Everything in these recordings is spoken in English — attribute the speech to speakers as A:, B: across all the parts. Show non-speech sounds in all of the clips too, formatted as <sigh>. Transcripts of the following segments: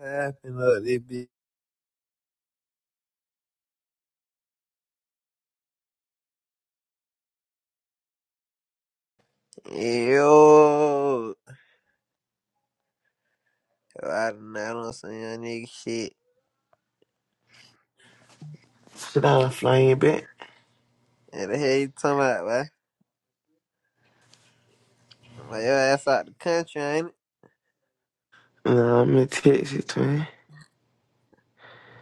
A: Happened up this bitch. Yo, I don't know, some don't nigga shit.
B: Should I fly in back?
A: And the hell you talking about, boy? Well, your ass out the country, ain't it?
B: Nah, I'm in Texas, twin.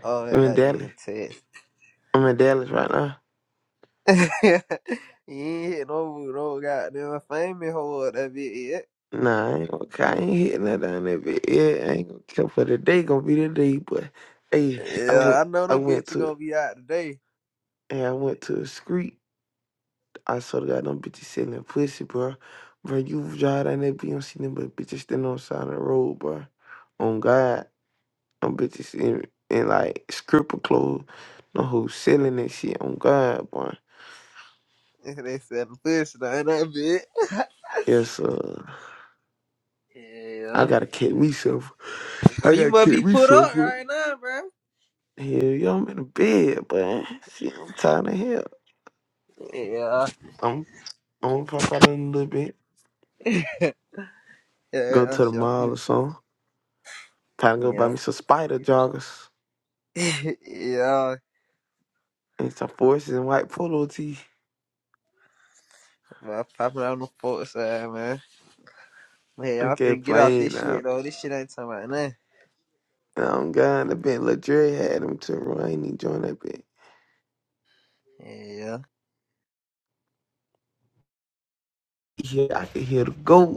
A: Oh, yeah,
B: I'm
A: oh,
B: in
A: you
B: Dallas.
A: in Texas.
B: I'm in Dallas right now.
A: <laughs> you ain't hit no, no goddamn famous hoe up that bitch yet.
B: Nah, I ain't gonna, I ain't hitting that down there, but yeah, I ain't gonna care for the day. Gonna be the day, but hey, I went,
A: Yeah, I know
B: I
A: them
B: went
A: bitch you gonna
B: to,
A: be out today.
B: hey, I went to a street. I sort of got them bitches selling pussy, bro. Bro, you drive down there, You don't see them, but bitches standing on the side of the road, bro. On God, them bitches in, in like stripper clothes, no who's selling that shit. On God, boy.
A: <laughs> they selling pussy down that bitch.
B: Yes, sir. I
A: Yeah.
B: gotta catch myself.
A: Bro,
B: I
A: you
B: gotta
A: must
B: catch
A: be put up
B: myself up.
A: right now, bro.
B: Hell yeah, I'm in the bed, but see, I'm tired of hell.
A: Yeah.
B: I'm I'm gonna pop out in a little bit. Go
A: Yeah,
B: to the
A: sure.
B: mall or something. Time to go
A: Yeah.
B: buy me some spider joggers
A: <laughs> yeah,
B: and some forces and white polo tee.
A: Man, popping out on the fourth side, man. Man,
B: I'm
A: I'm
B: can't
A: finna get off
B: playing
A: this
B: now.
A: shit, though. This shit ain't talking about nothing.
B: I'm gone. The bed. Ladre had him to run. He joined that bed.
A: Yeah.
B: Yeah, I can hear the goat.